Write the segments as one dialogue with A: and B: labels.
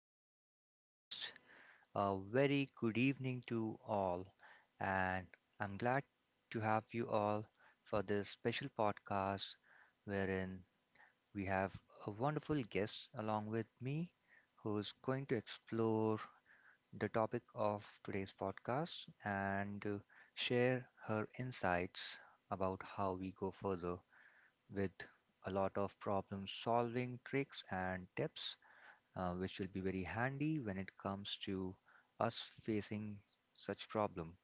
A: today's podcast. A very good evening to all, and I'm glad to have you all for this special podcast wherein we have a wonderful guest along with me who's going to explore the topic of today's podcast and share her insights about how we go further with a lot of problem solving tricks and tips which will be very handy when it comes to us facing such problem.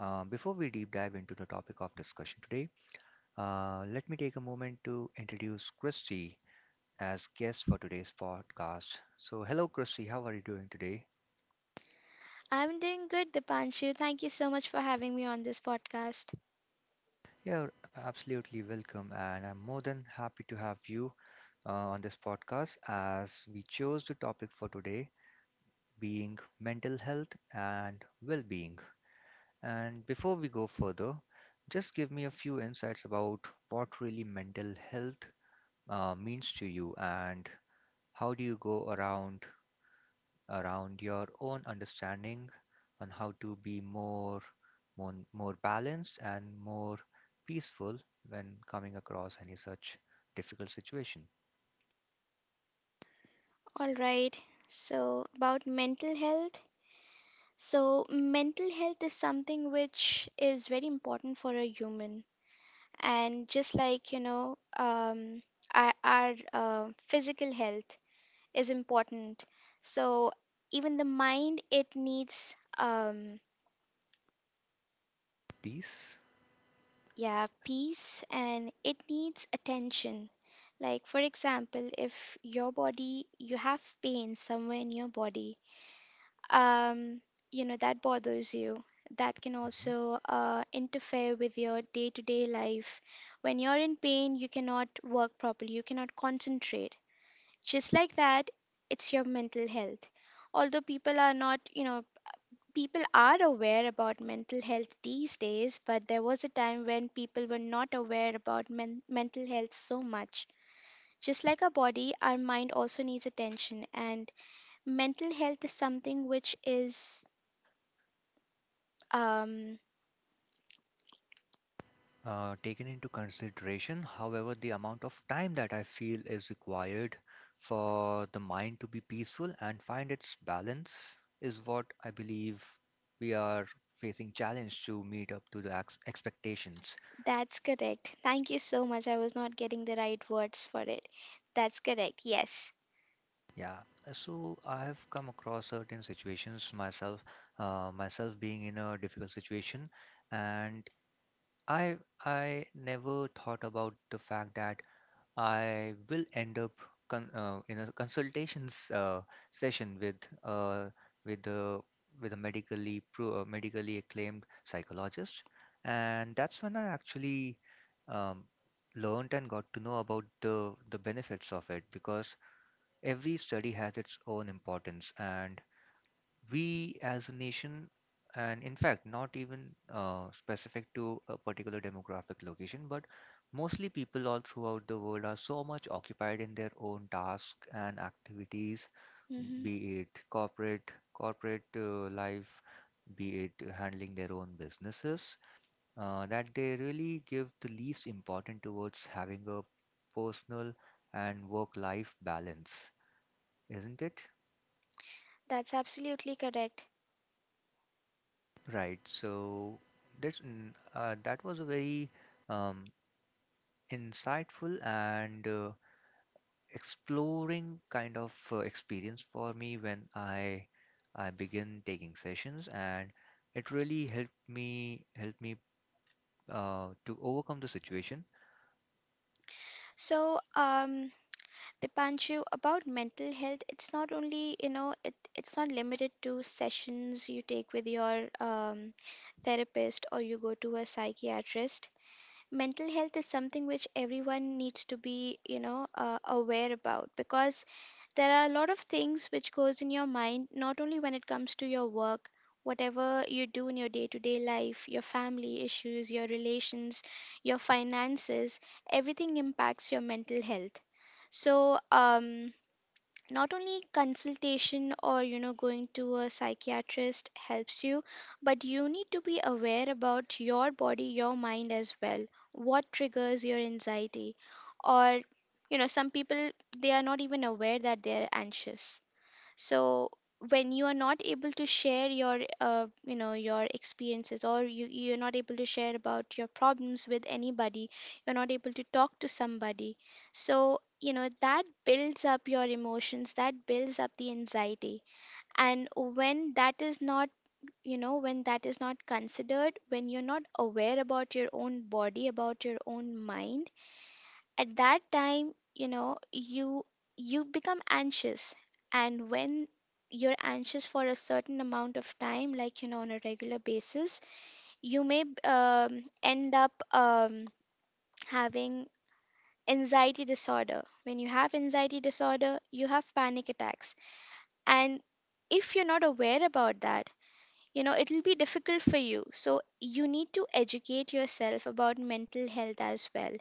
A: Before we deep dive into the topic of discussion today, let me take a moment to introduce Christy as guest for today's podcast. So, hello, Christy. How are you doing today?
B: I'm doing good, Dipanshu. Thank you so much for having me on this podcast.
A: You're absolutely welcome, and I'm more than happy to have you on this podcast as we chose the topic for today being mental health and well being. And before we go further, just give me a few insights about what really mental health means to you and how do you go around your own understanding on how to be more more balanced and more peaceful when coming across any such difficult situation.
B: All right. So, about mental health. So, mental health is something which is very important for a human. And just like, you know, our physical health is important. So, even the mind, it needs,
A: Peace.
B: yeah, peace, and it needs attention. Like, for example, if your body, you have pain somewhere in your body, um, you know, that bothers you. That can also
A: Mm-hmm.
B: interfere with your day to day life. When you're in pain, you cannot work properly, you cannot concentrate. Just like that, it's your mental health. Although people are not, you know, people are aware about mental health these days, but there was a time when people were not aware about mental health so much. Just like our body, our mind also needs attention, and mental health is something which is, um,
A: Taken into consideration. However, the amount of time that I feel is required for the mind to be peaceful and find its balance is what I believe we are facing challenge to meet up to the expectations.
B: that's correct. Thank you so much. I was not getting the right words for it. That's correct. Yes.
A: Yeah, so I have come across certain situations myself, myself being in a difficult situation, and I I never thought about the fact that I will end up in a consultations session uh, with the with a medically medically acclaimed psychologist, and that's when I actually um, learned and got to know about the benefits of it because every study has its own importance and we as a nation, and in fact, not even specific to a particular demographic location, but mostly people all throughout the world are so much occupied in their own tasks and activities,
B: Hmm.
A: be it corporate life, be it handling their own businesses, that they really give the least importance towards having a personal and work-life balance, isn't it?
B: That's absolutely correct.
A: Right. So that's that was a very um, insightful and exploring kind of experience for me when I begin taking sessions, and it really helped me to overcome the situation.
B: So, Dipanshu, about mental health, it's not only, you know, it's not limited to sessions you take with your therapist, or you go to a psychiatrist. Mental health is something which everyone needs to be, you know, aware about, because there are a lot of things which goes in your mind, not only when it comes to your work, whatever you do in your day-to-day life, your family issues, your relations, your finances, everything impacts your mental health. So not only consultation, or you know, going to a psychiatrist helps you, but you need to be aware about your body, your mind as well. What triggers your anxiety? Or you know, some people, they are not even aware that they are anxious. So when you are not able to share your you know, your experiences, or you're not able to share about your problems with anybody, you're not able to talk to somebody, so you know, that builds up your emotions, that builds up the anxiety. And when that is not, you know, when that is not considered, when you're not aware about your own body, about your own mind, at that time, you know, you become anxious. And when you're anxious for a certain amount of time, like, you know, on a regular basis, you may end up having anxiety disorder. When you have anxiety disorder, you have panic attacks. And if you're not aware about that, you know, it'll be difficult for you. So you need to educate yourself about mental health as well.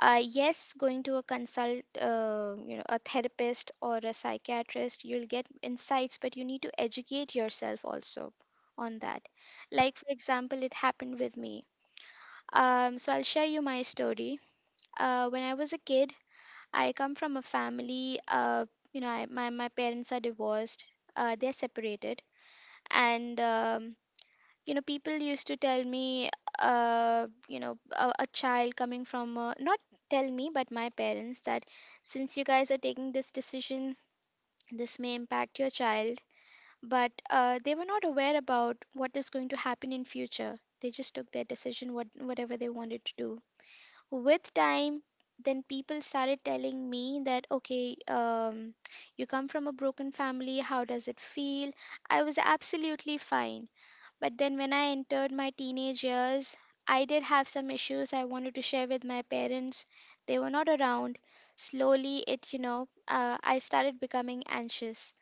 B: Yes, going to a consult you know, a therapist or a psychiatrist, you'll get insights, but you need to educate yourself also on that. Like for example, it happened with me. So I'll share you my story. When I was a kid, I come from a family, you know, my parents are divorced, they're separated. And you know, people used to tell me, you know, a child coming from not tell me, but my parents, that since you guys are taking this decision, this may impact your child. But they were not aware about what is going to happen in future. They just took their decision, whatever they wanted to do. With time, then people started telling me that, okay, you come from a broken family, how does it feel? I was absolutely fine. But then when I entered my teenage years, I did have some issues I wanted to share with my parents. They were not around. Slowly, it, you know, I started becoming anxious.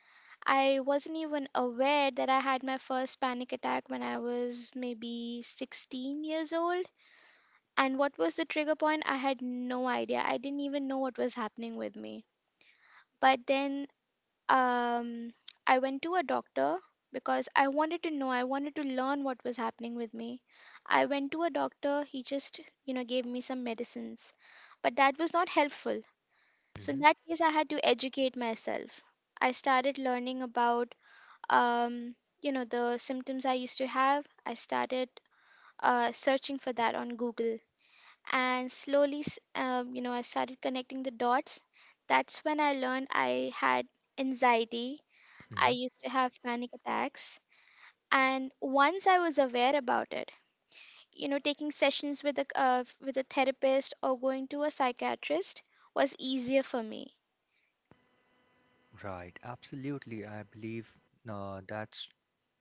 B: I wasn't even aware that I had my first panic attack when I was maybe 16 years old. And what was the trigger point? I had no idea. I didn't even know what was happening with me. But then, um, I went to a doctor because I wanted to know, I wanted to learn what was happening with me. I went to a doctor, he just, you know, gave me some medicines, but that was not helpful. So in
A: Mm-hmm.
B: that case, I had to educate myself. I started learning about, um, you know, the symptoms I used to have. I started searching for that on Google. And slowly, you know, I started connecting the dots. That's when I learned I had anxiety. I used to have panic attacks, and once I was aware about it, you know, taking sessions with a therapist, or going to a psychiatrist, was easier for me.
A: Right, absolutely. I believe uh, that's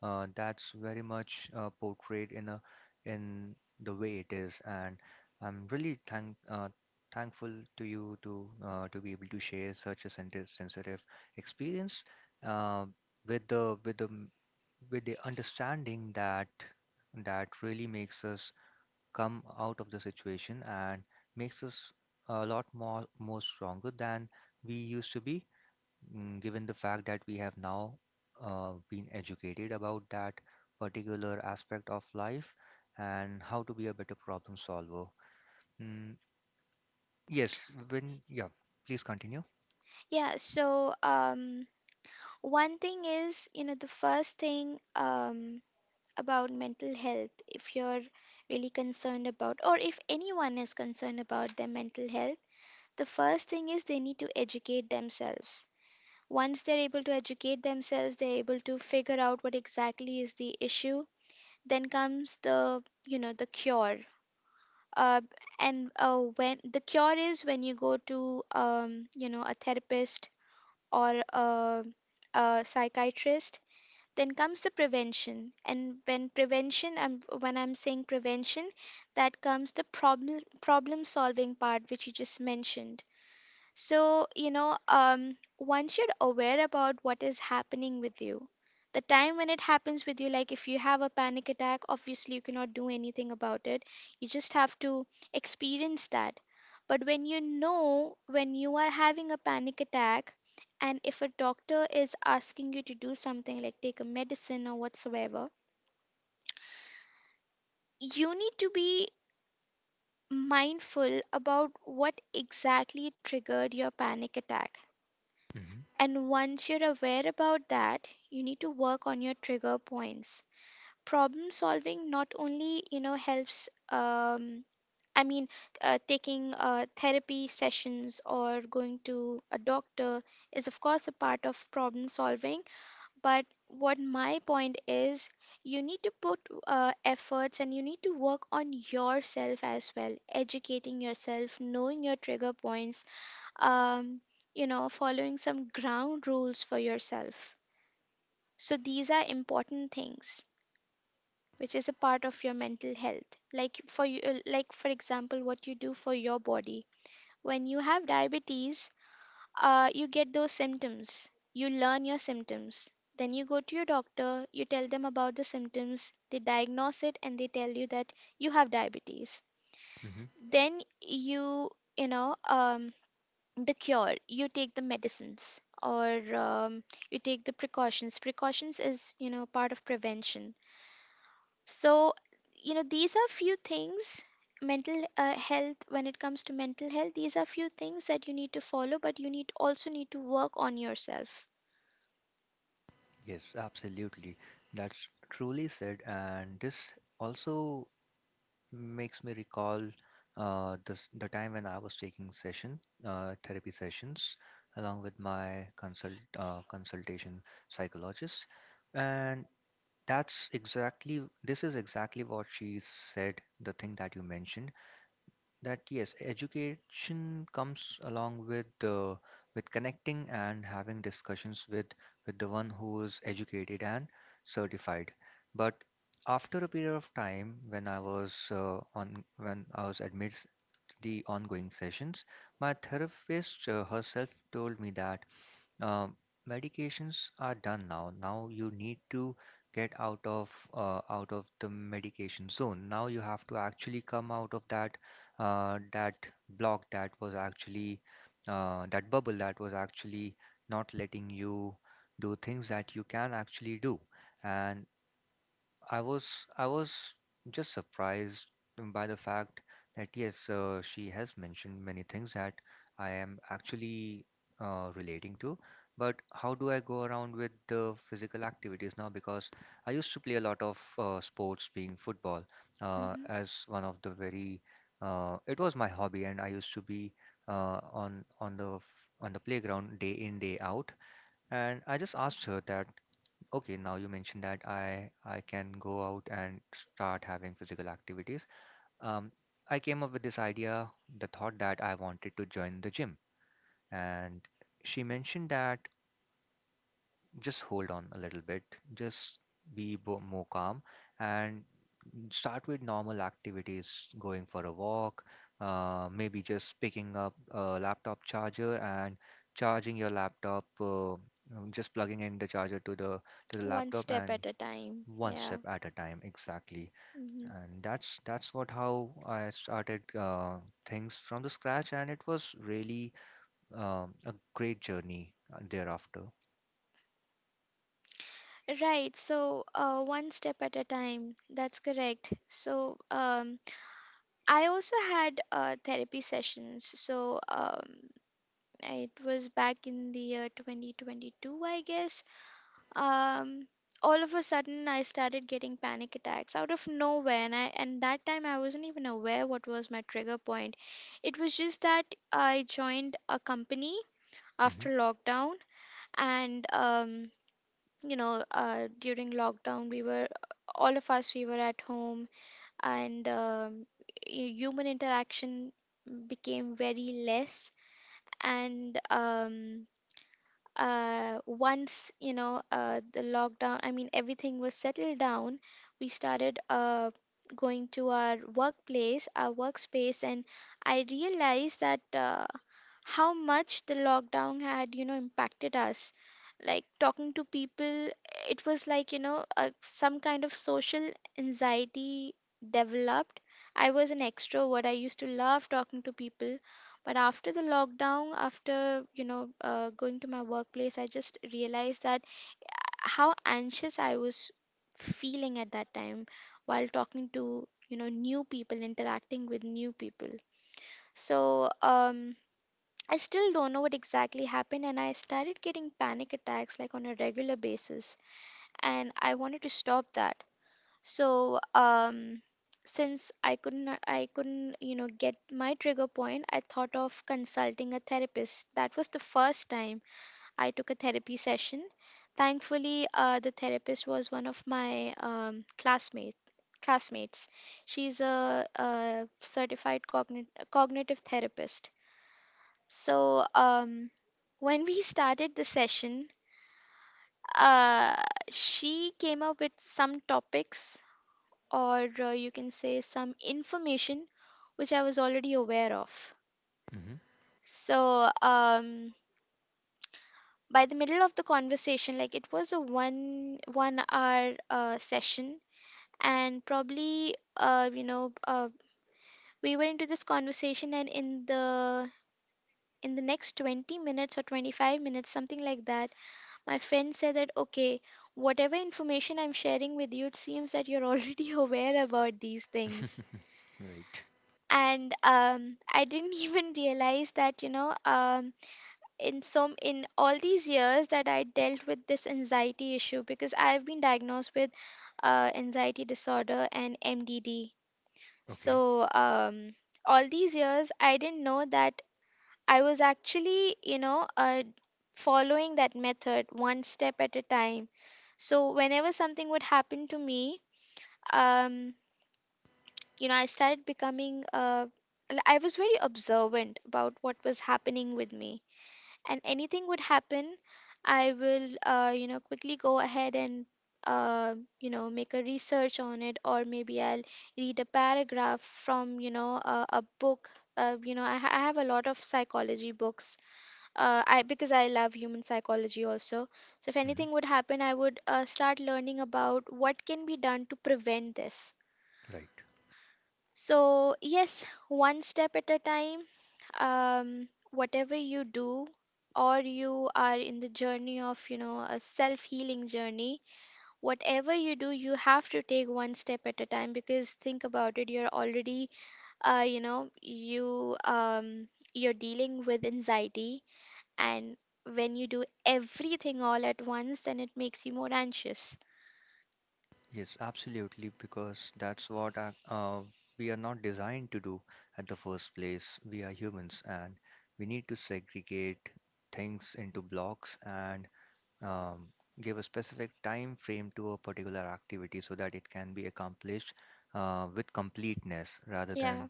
A: that's very much portrayed in a in the way it is, and I'm really thankful to you to be able to share such a sensitive experience uh, with the with the understanding that really makes us come out of the situation and makes us a lot more stronger than we used to be given the fact that we have now been educated about that particular aspect of life and how to be a better problem solver. Mm, yes, when, yeah, Please continue.
B: Yeah, so one thing is, you know, the first thing, about mental health, if you're really concerned about, or if anyone is concerned about their mental health, the first thing is they need to educate themselves. Once they're able to educate themselves, they're able to figure out what exactly is the issue. Then comes the, you know, the cure. Uh, and when the cure is when you go to, you know, a therapist or a, a psychiatrist. Then comes the prevention, and when when I'm saying prevention, that comes the problem solving part which you just mentioned. So, you know, once you're aware about what is happening with you. The time when it happens with you, like if you have a panic attack, obviously you cannot do anything about it. You just have to experience that. But when you know, when you are having a panic attack, and if a doctor is asking you to do something like take a medicine or whatsoever, you need to be mindful about what exactly triggered your panic attack.
A: hmm
B: And once you're aware about that, you need to work on your trigger points. Problem solving not only, you know, helps, I mean, taking therapy sessions or going to a doctor is, of course, a part of problem solving. But what my point is, you need to put efforts, and you need to work on yourself as well, educating yourself, knowing your trigger points, um, you know, following some ground rules for yourself. So these are important things which is a part of your mental health. Like for you, like for example, what you do for your body when you have diabetes, you get those symptoms, you learn your symptoms, then you go to your doctor, you tell them about the symptoms, they diagnose it, and they tell you that you have diabetes.
A: hmm
B: Then you know, the cure, you take the medicines, or you take the precautions is, you know, part of prevention. So you know, these are few things. Mental health When it comes to mental health, these are few things that you need to follow, but you need also need to work on yourself.
A: Yes, absolutely. That's truly said, and this also makes me recall this the time when I was taking session therapy sessions along with my consultation psychologist, and this is exactly what she said, the thing that you mentioned, that yes, education comes along with connecting and having discussions with the one who is educated and certified. But after a period of time, when I was on when I was amidst the ongoing sessions, my therapist herself told me that um, medications are done now. Now you need to get out of the medication zone. Now you have to actually come out of that uh, that block that was actually that bubble that was actually not letting you do things that you can actually do. And I was I was just surprised by the fact that yes, she has mentioned many things that I am actually relating to. But how do I go around with the physical activities now? Because I used to play a lot of sports, being football,
B: Hmm.
A: as one of the very it was my hobby, and I used to be on the on the playground day in day out. And I just asked her that, okay, now you mentioned that I can go out and start having physical activities. Um, I came up with this idea, the thought that I wanted to join the gym, and she mentioned that just hold on a little bit, just be bo more calm and start with normal activities, going for a walk, maybe just picking up a laptop charger and charging your laptop, just plugging in the charger to the
B: One
A: laptop
B: step
A: and
B: at a time,
A: one
B: yeah.
A: step at a time exactly,
B: Mhm.
A: and that's what how I started things from the scratch, and it was really a great journey thereafter.
B: Right, so one step at a time. That's correct. So, I also had therapy sessions. So it was back in the year 2022, I guess. Um, all of a sudden, I started getting panic attacks out of nowhere, and I and that time I wasn't even aware what was my trigger point. It was just that I joined a company after lockdown, and you know, during lockdown, we were, all of us we were at home, and human interaction became very less. And once, you know, the lockdown, I mean, everything was settled down, we started going to our workplace, our workspace. And I realized that how much the lockdown had, you know, impacted us. Like talking to people, it was like, you know, some kind of social anxiety developed. I was an extrovert, I used to love talking to people. But after the lockdown, after, you know, going to my workplace, I just realized that how anxious I was feeling at that time, while talking to, you know, new people, interacting with new people. So, I still don't know what exactly happened, and I started getting panic attacks like on a regular basis, and I wanted to stop that. So since I couldn't, you know, get my trigger point, I thought of consulting a therapist. That was the first time I took a therapy session. Thankfully, the therapist was one of my classmates. She's a certified cognitive therapist. So when we started the session, uh, she came up with some topics, or you can say some information, which I was already aware of.
A: Mm-hmm.
B: So um, by the middle of the conversation, like it was a one hour session, and probably we were into this conversation, and in the next 20 minutes or 25 minutes something like that, my friend said that okay, whatever information I'm sharing with you, it seems that you're already aware about these
A: Mm-hmm.
B: things.
A: Right.
B: And I didn't even realize that, in some in all these years that I dealt with this anxiety issue, because I've been diagnosed with anxiety disorder and MDD.
A: Okay.
B: So all these years I didn't know that I was actually, following that method, one step at a time. So whenever something would happen to me, um you know, I started becoming I was very observant about what was happening with me, and anything would happen, I will you know, quickly go ahead and, uh, you know, make a research on it, or maybe I'll read a paragraph from, you know, a book. You know, I have a lot of psychology books, I because I love human psychology also. So if
A: Mm-hmm.
B: anything would happen, I would start learning about what can be done to prevent this.
A: Right.
B: So, yes, one step at a time. Whatever you do, or you are in the journey of, you know, a self healing journey, whatever you do, you have to take one step at a time, because think about it, you're already, uh, you know, you, um, you're dealing with anxiety, and when you do everything all at once, then it makes you more anxious.
A: Yes, absolutely, because that's what we are not designed to do at the first place. We are humans and we need to segregate things into blocks and um, give a specific time frame to a particular activity so that it can be accomplished with completeness rather than
B: Yeah.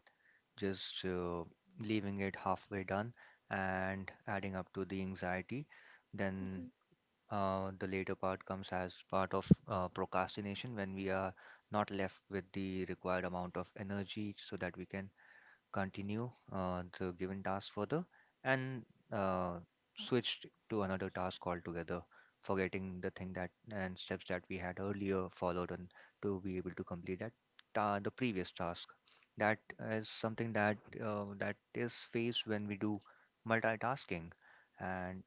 A: just leaving it halfway done and adding up to the anxiety. Then
B: Mhm.
A: the later part comes as part of procrastination when we are not left with the required amount of energy so that we can continue the given task further and uh, switched to another task altogether, forgetting the thing that and steps that we had earlier followed on to be able to complete that the previous task. That is something that that is faced when we do multitasking, and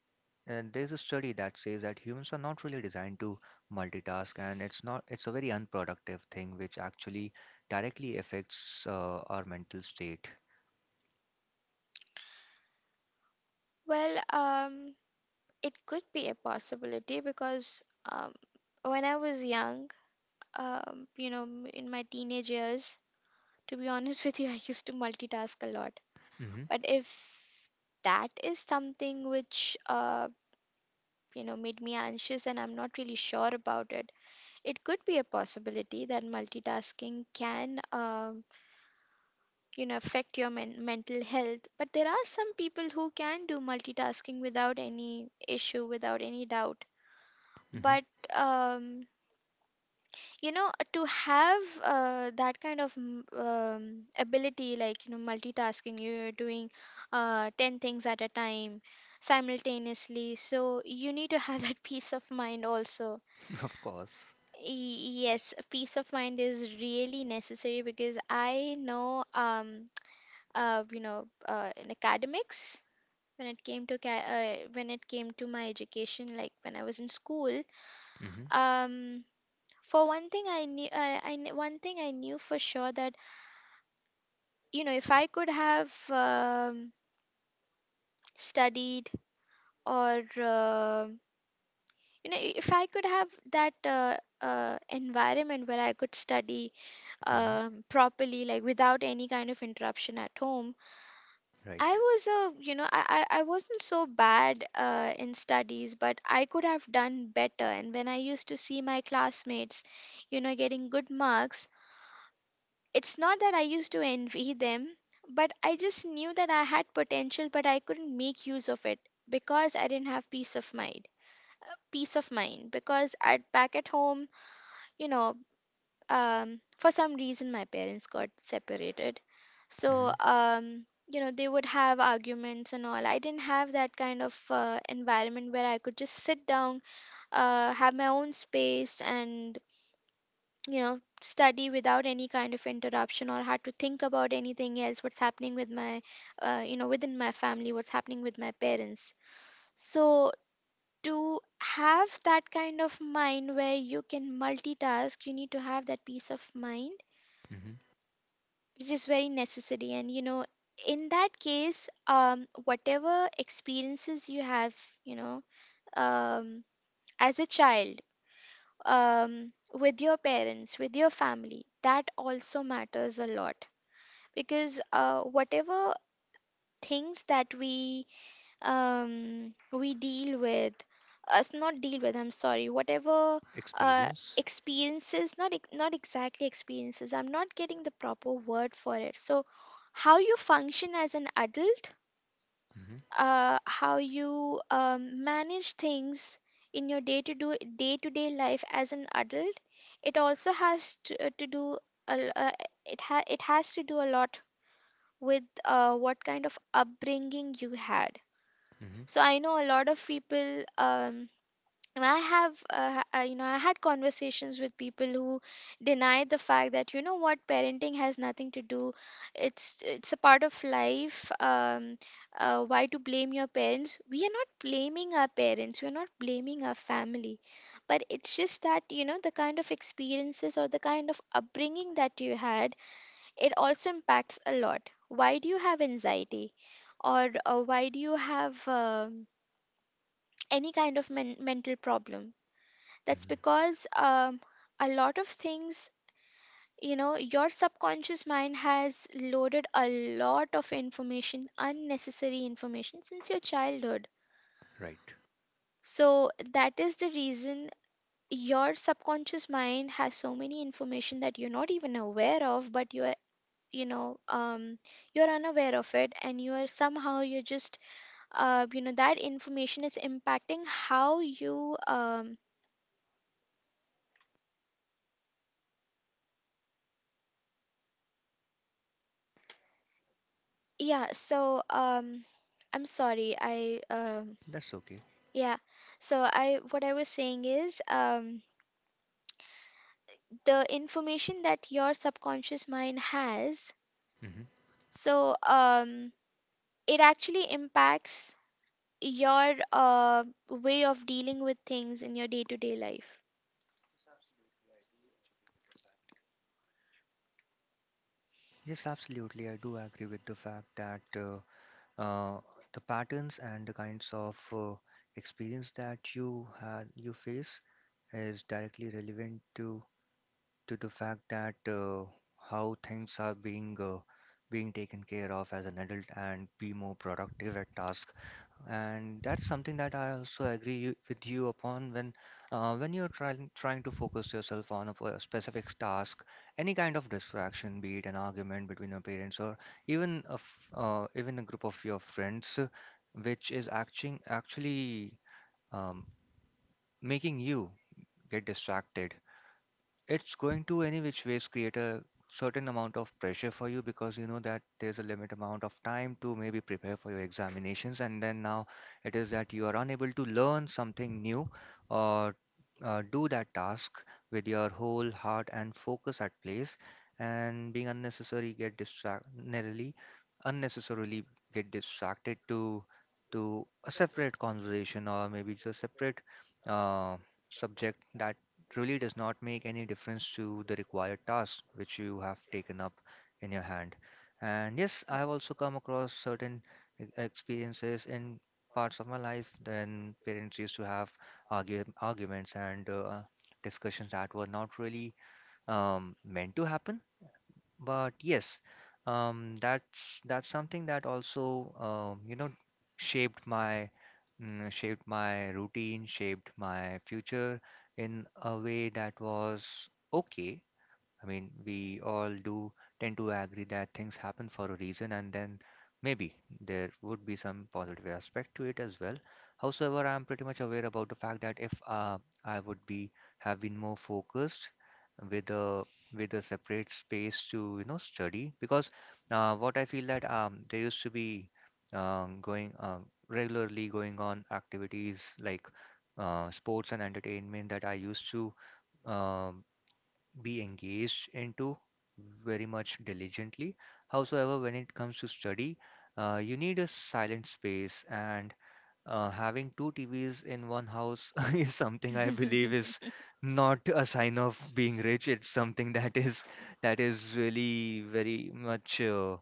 A: there's a study that says that humans are not really designed to multitask, and it's not it's a very unproductive thing which actually directly affects our mental state.
B: Well, it could be a possibility because, um, when I was young, you know, in my teenage years, to be honest with you, I used to multitask a lot.
A: Mm-hmm.
B: But if that is something which, you know, made me anxious, and I'm not really sure about it, it could be a possibility that multitasking can, you know, affect your mental health. But there are some people who can do multitasking without any issue, without any doubt.
A: Mm-hmm.
B: But, um, you know, to have that kind of ability, like, you know, multitasking, you're doing 10 things at a time simultaneously. So you need to have that peace of mind also.
A: Of course.
B: Yes, peace of mind is really necessary because I know, you know, in academics, when it came to when it came to my education, like when I was in school,
A: Mm-hmm.
B: um for one thing I knew, one thing I knew for sure, that, you know, if I could have studied, or you know, if I could have that environment where I could study
A: Mm-hmm.
B: properly, like without any kind of interruption at home, I
A: Right.
B: was a, you know, I wasn't so bad in studies, but I could have done better. And when I used to see my classmates, you know, getting good marks, it's not that I used to envy them, but I just knew that I had potential, but I couldn't make use of it because I didn't have peace of mind. Peace of mind because at back at home, you know, for some reason my parents got separated, so
A: Mm-hmm.
B: you know, they would have arguments and all. I didn't have that kind of environment where I could just sit down, have my own space, and, you know, study without any kind of interruption, or had to think about anything else, what's happening with my, you know, within my family, what's happening with my parents. So to have that kind of mind where you can multitask, you need to have that peace of mind,
A: Mm-hmm.
B: which is very necessary. And you know, in that case, whatever experiences you have, you know, um as a child, with your parents, with your family, that also matters a lot. Because whatever things that we deal with, us not deal with, I'm sorry, whatever uh,
A: Experience.
B: experiences, not exactly experiences, I'm not getting the proper word for it. So how you function as an adult,
A: Mm-hmm.
B: how you manage things in your day to day life as an adult, it also has to do a, l- it ha- it has to do a lot with, what kind of upbringing you had. So
A: Mm-hmm.
B: I know a lot of people, and I have, you know, I had conversations with people who deny the fact that, you know what, parenting has nothing to do, it's a part of life. Why to blame your parents? We are not blaming our parents, we are not blaming our family, but it's just that, you know, the kind of experiences or the kind of upbringing that you had, it also impacts a lot. Why do you have anxiety? Or why do you have any kind of mental problem? That's
A: Mm-hmm.
B: because, a lot of things, you know, your subconscious mind has loaded a lot of information, unnecessary information, since your childhood.
A: Right. That's okay. Mm-hmm. Yes, absolutely. I do agree with the fact that uh, the patterns and the kinds of experience that you had you face is directly relevant to the fact that how things are being being taken care of as an adult and be more productive at task. And that's something that I also agree with you upon when you're trying to focus yourself on a specific task, any kind of distraction, be it an argument between your parents or even even a group of your friends, which is acting actually um, making you get distracted. It's going to any which ways create a certain amount of pressure for you because you know that there's a limit amount of time to maybe prepare for your examinations, and then now it is that you are unable to learn something new or do that task with your whole heart and focus at place and being unnecessary get distracted unnecessarily get distracted to a separate conversation or maybe just separate uh, subject that really does not make any difference to the required task which you have taken up in your hand. And yes, I have also come across certain experiences in parts of my life when parents used to have arguments and discussions that were not really meant to happen, but yes, that's something that also, you know, shaped my shaped my routine, shaped my future in a way that was okay. I mean, we all do tend to agree that things happen for a reason, and then maybe there would be some positive aspect to it as well. However, I'm pretty much aware about the fact that if I would be have been more focused with a with a separate space to you know study, because what I feel that there used to be going regularly going on activities like sports and entertainment that I used to um, be engaged into very much diligently. Howsoever, when it comes to study, you need a silent space, and having two TVs in one house is something I believe is not a sign of being rich. It's something that is really very much uh,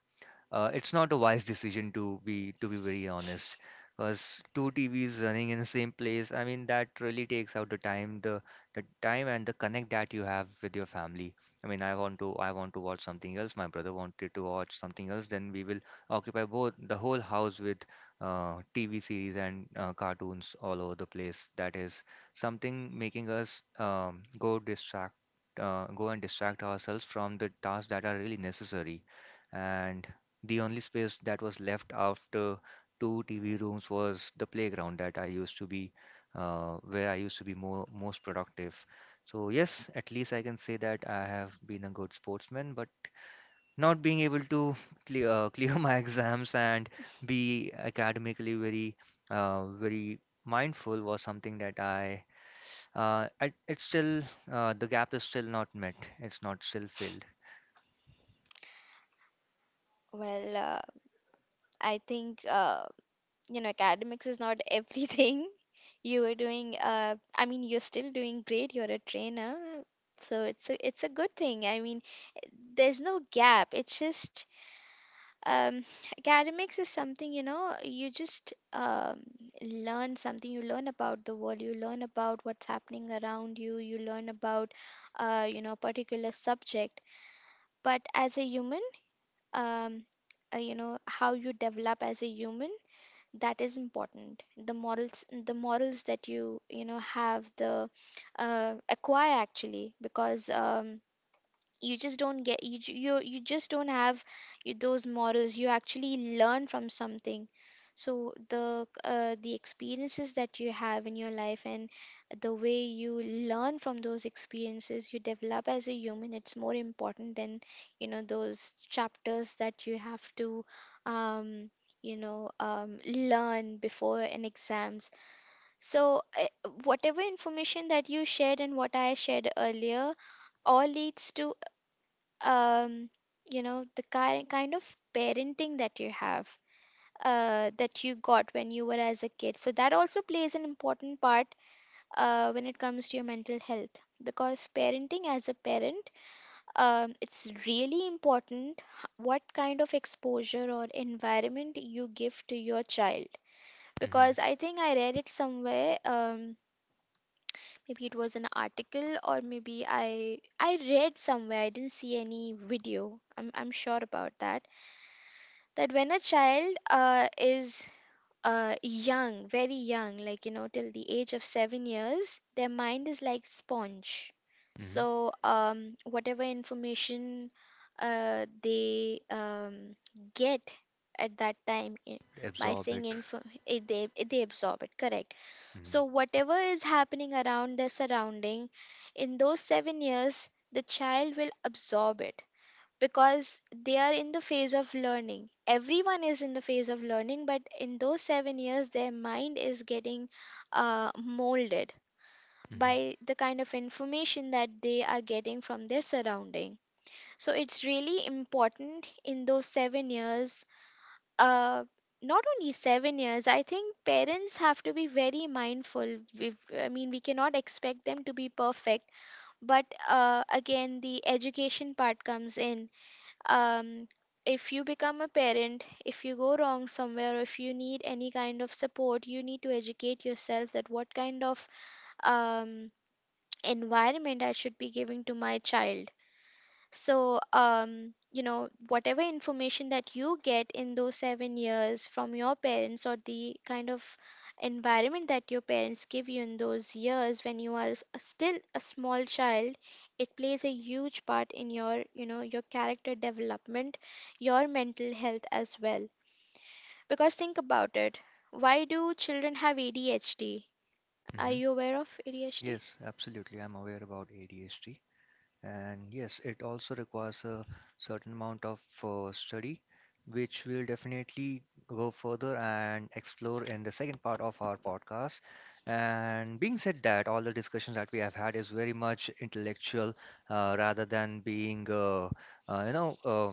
A: uh, it's not a wise decision, to be very honest, because two TVs running in the same place, I mean, that really takes out the time, the time and the connect that you have with your family. I mean, I want to watch something else, my brother wanted to watch something else, then we will occupy both the whole house with TV series and cartoons all over the place. That is something making us go and distract ourselves from the tasks that are really necessary, and the only space that was left after two TV rooms was the playground that I used to be, where I used to be more most productive. So yes, at least I can say that I have been a good sportsman, but not being able to clear clear my exams and be academically very very mindful was something that I it's still the gap is still not met. It's not still filled. hmm hmm Absorb it. Mm-hmm. hmm hmm Yes, absolutely. I'm aware about ADHD. And yes, it also requires a certain amount of study, which we'll definitely go further and explore in the second part of our podcast. And being said that, all the discussions that we have had is very much intellectual rather than being, you know,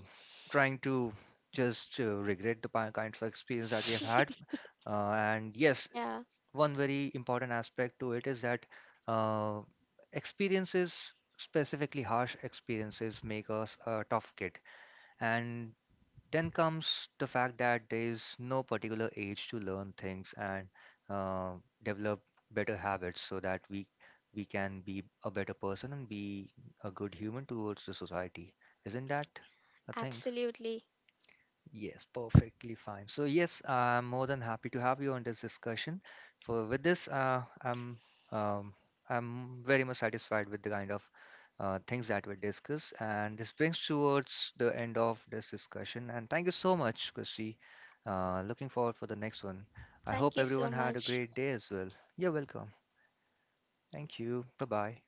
A: trying to just regret the kind of experience that we have had. And yes, one very important aspect to it is that uh, experiences, specifically harsh experiences, make us a tough kid. And then comes the fact that there is no particular age to learn things and uh, develop better habits so that we can be a better person and be a good human towards the society. Isn't that a thing? Yes, perfectly fine. So yes, I'm more than happy to have you on this discussion. For with this, um, I'm very much satisfied with the kind of things that we discussed, and this brings towards the end of this discussion. And thank you so much, Christy. Looking forward for the next one. I hope everyone had a great day as well. You're welcome. Thank you. Bye bye.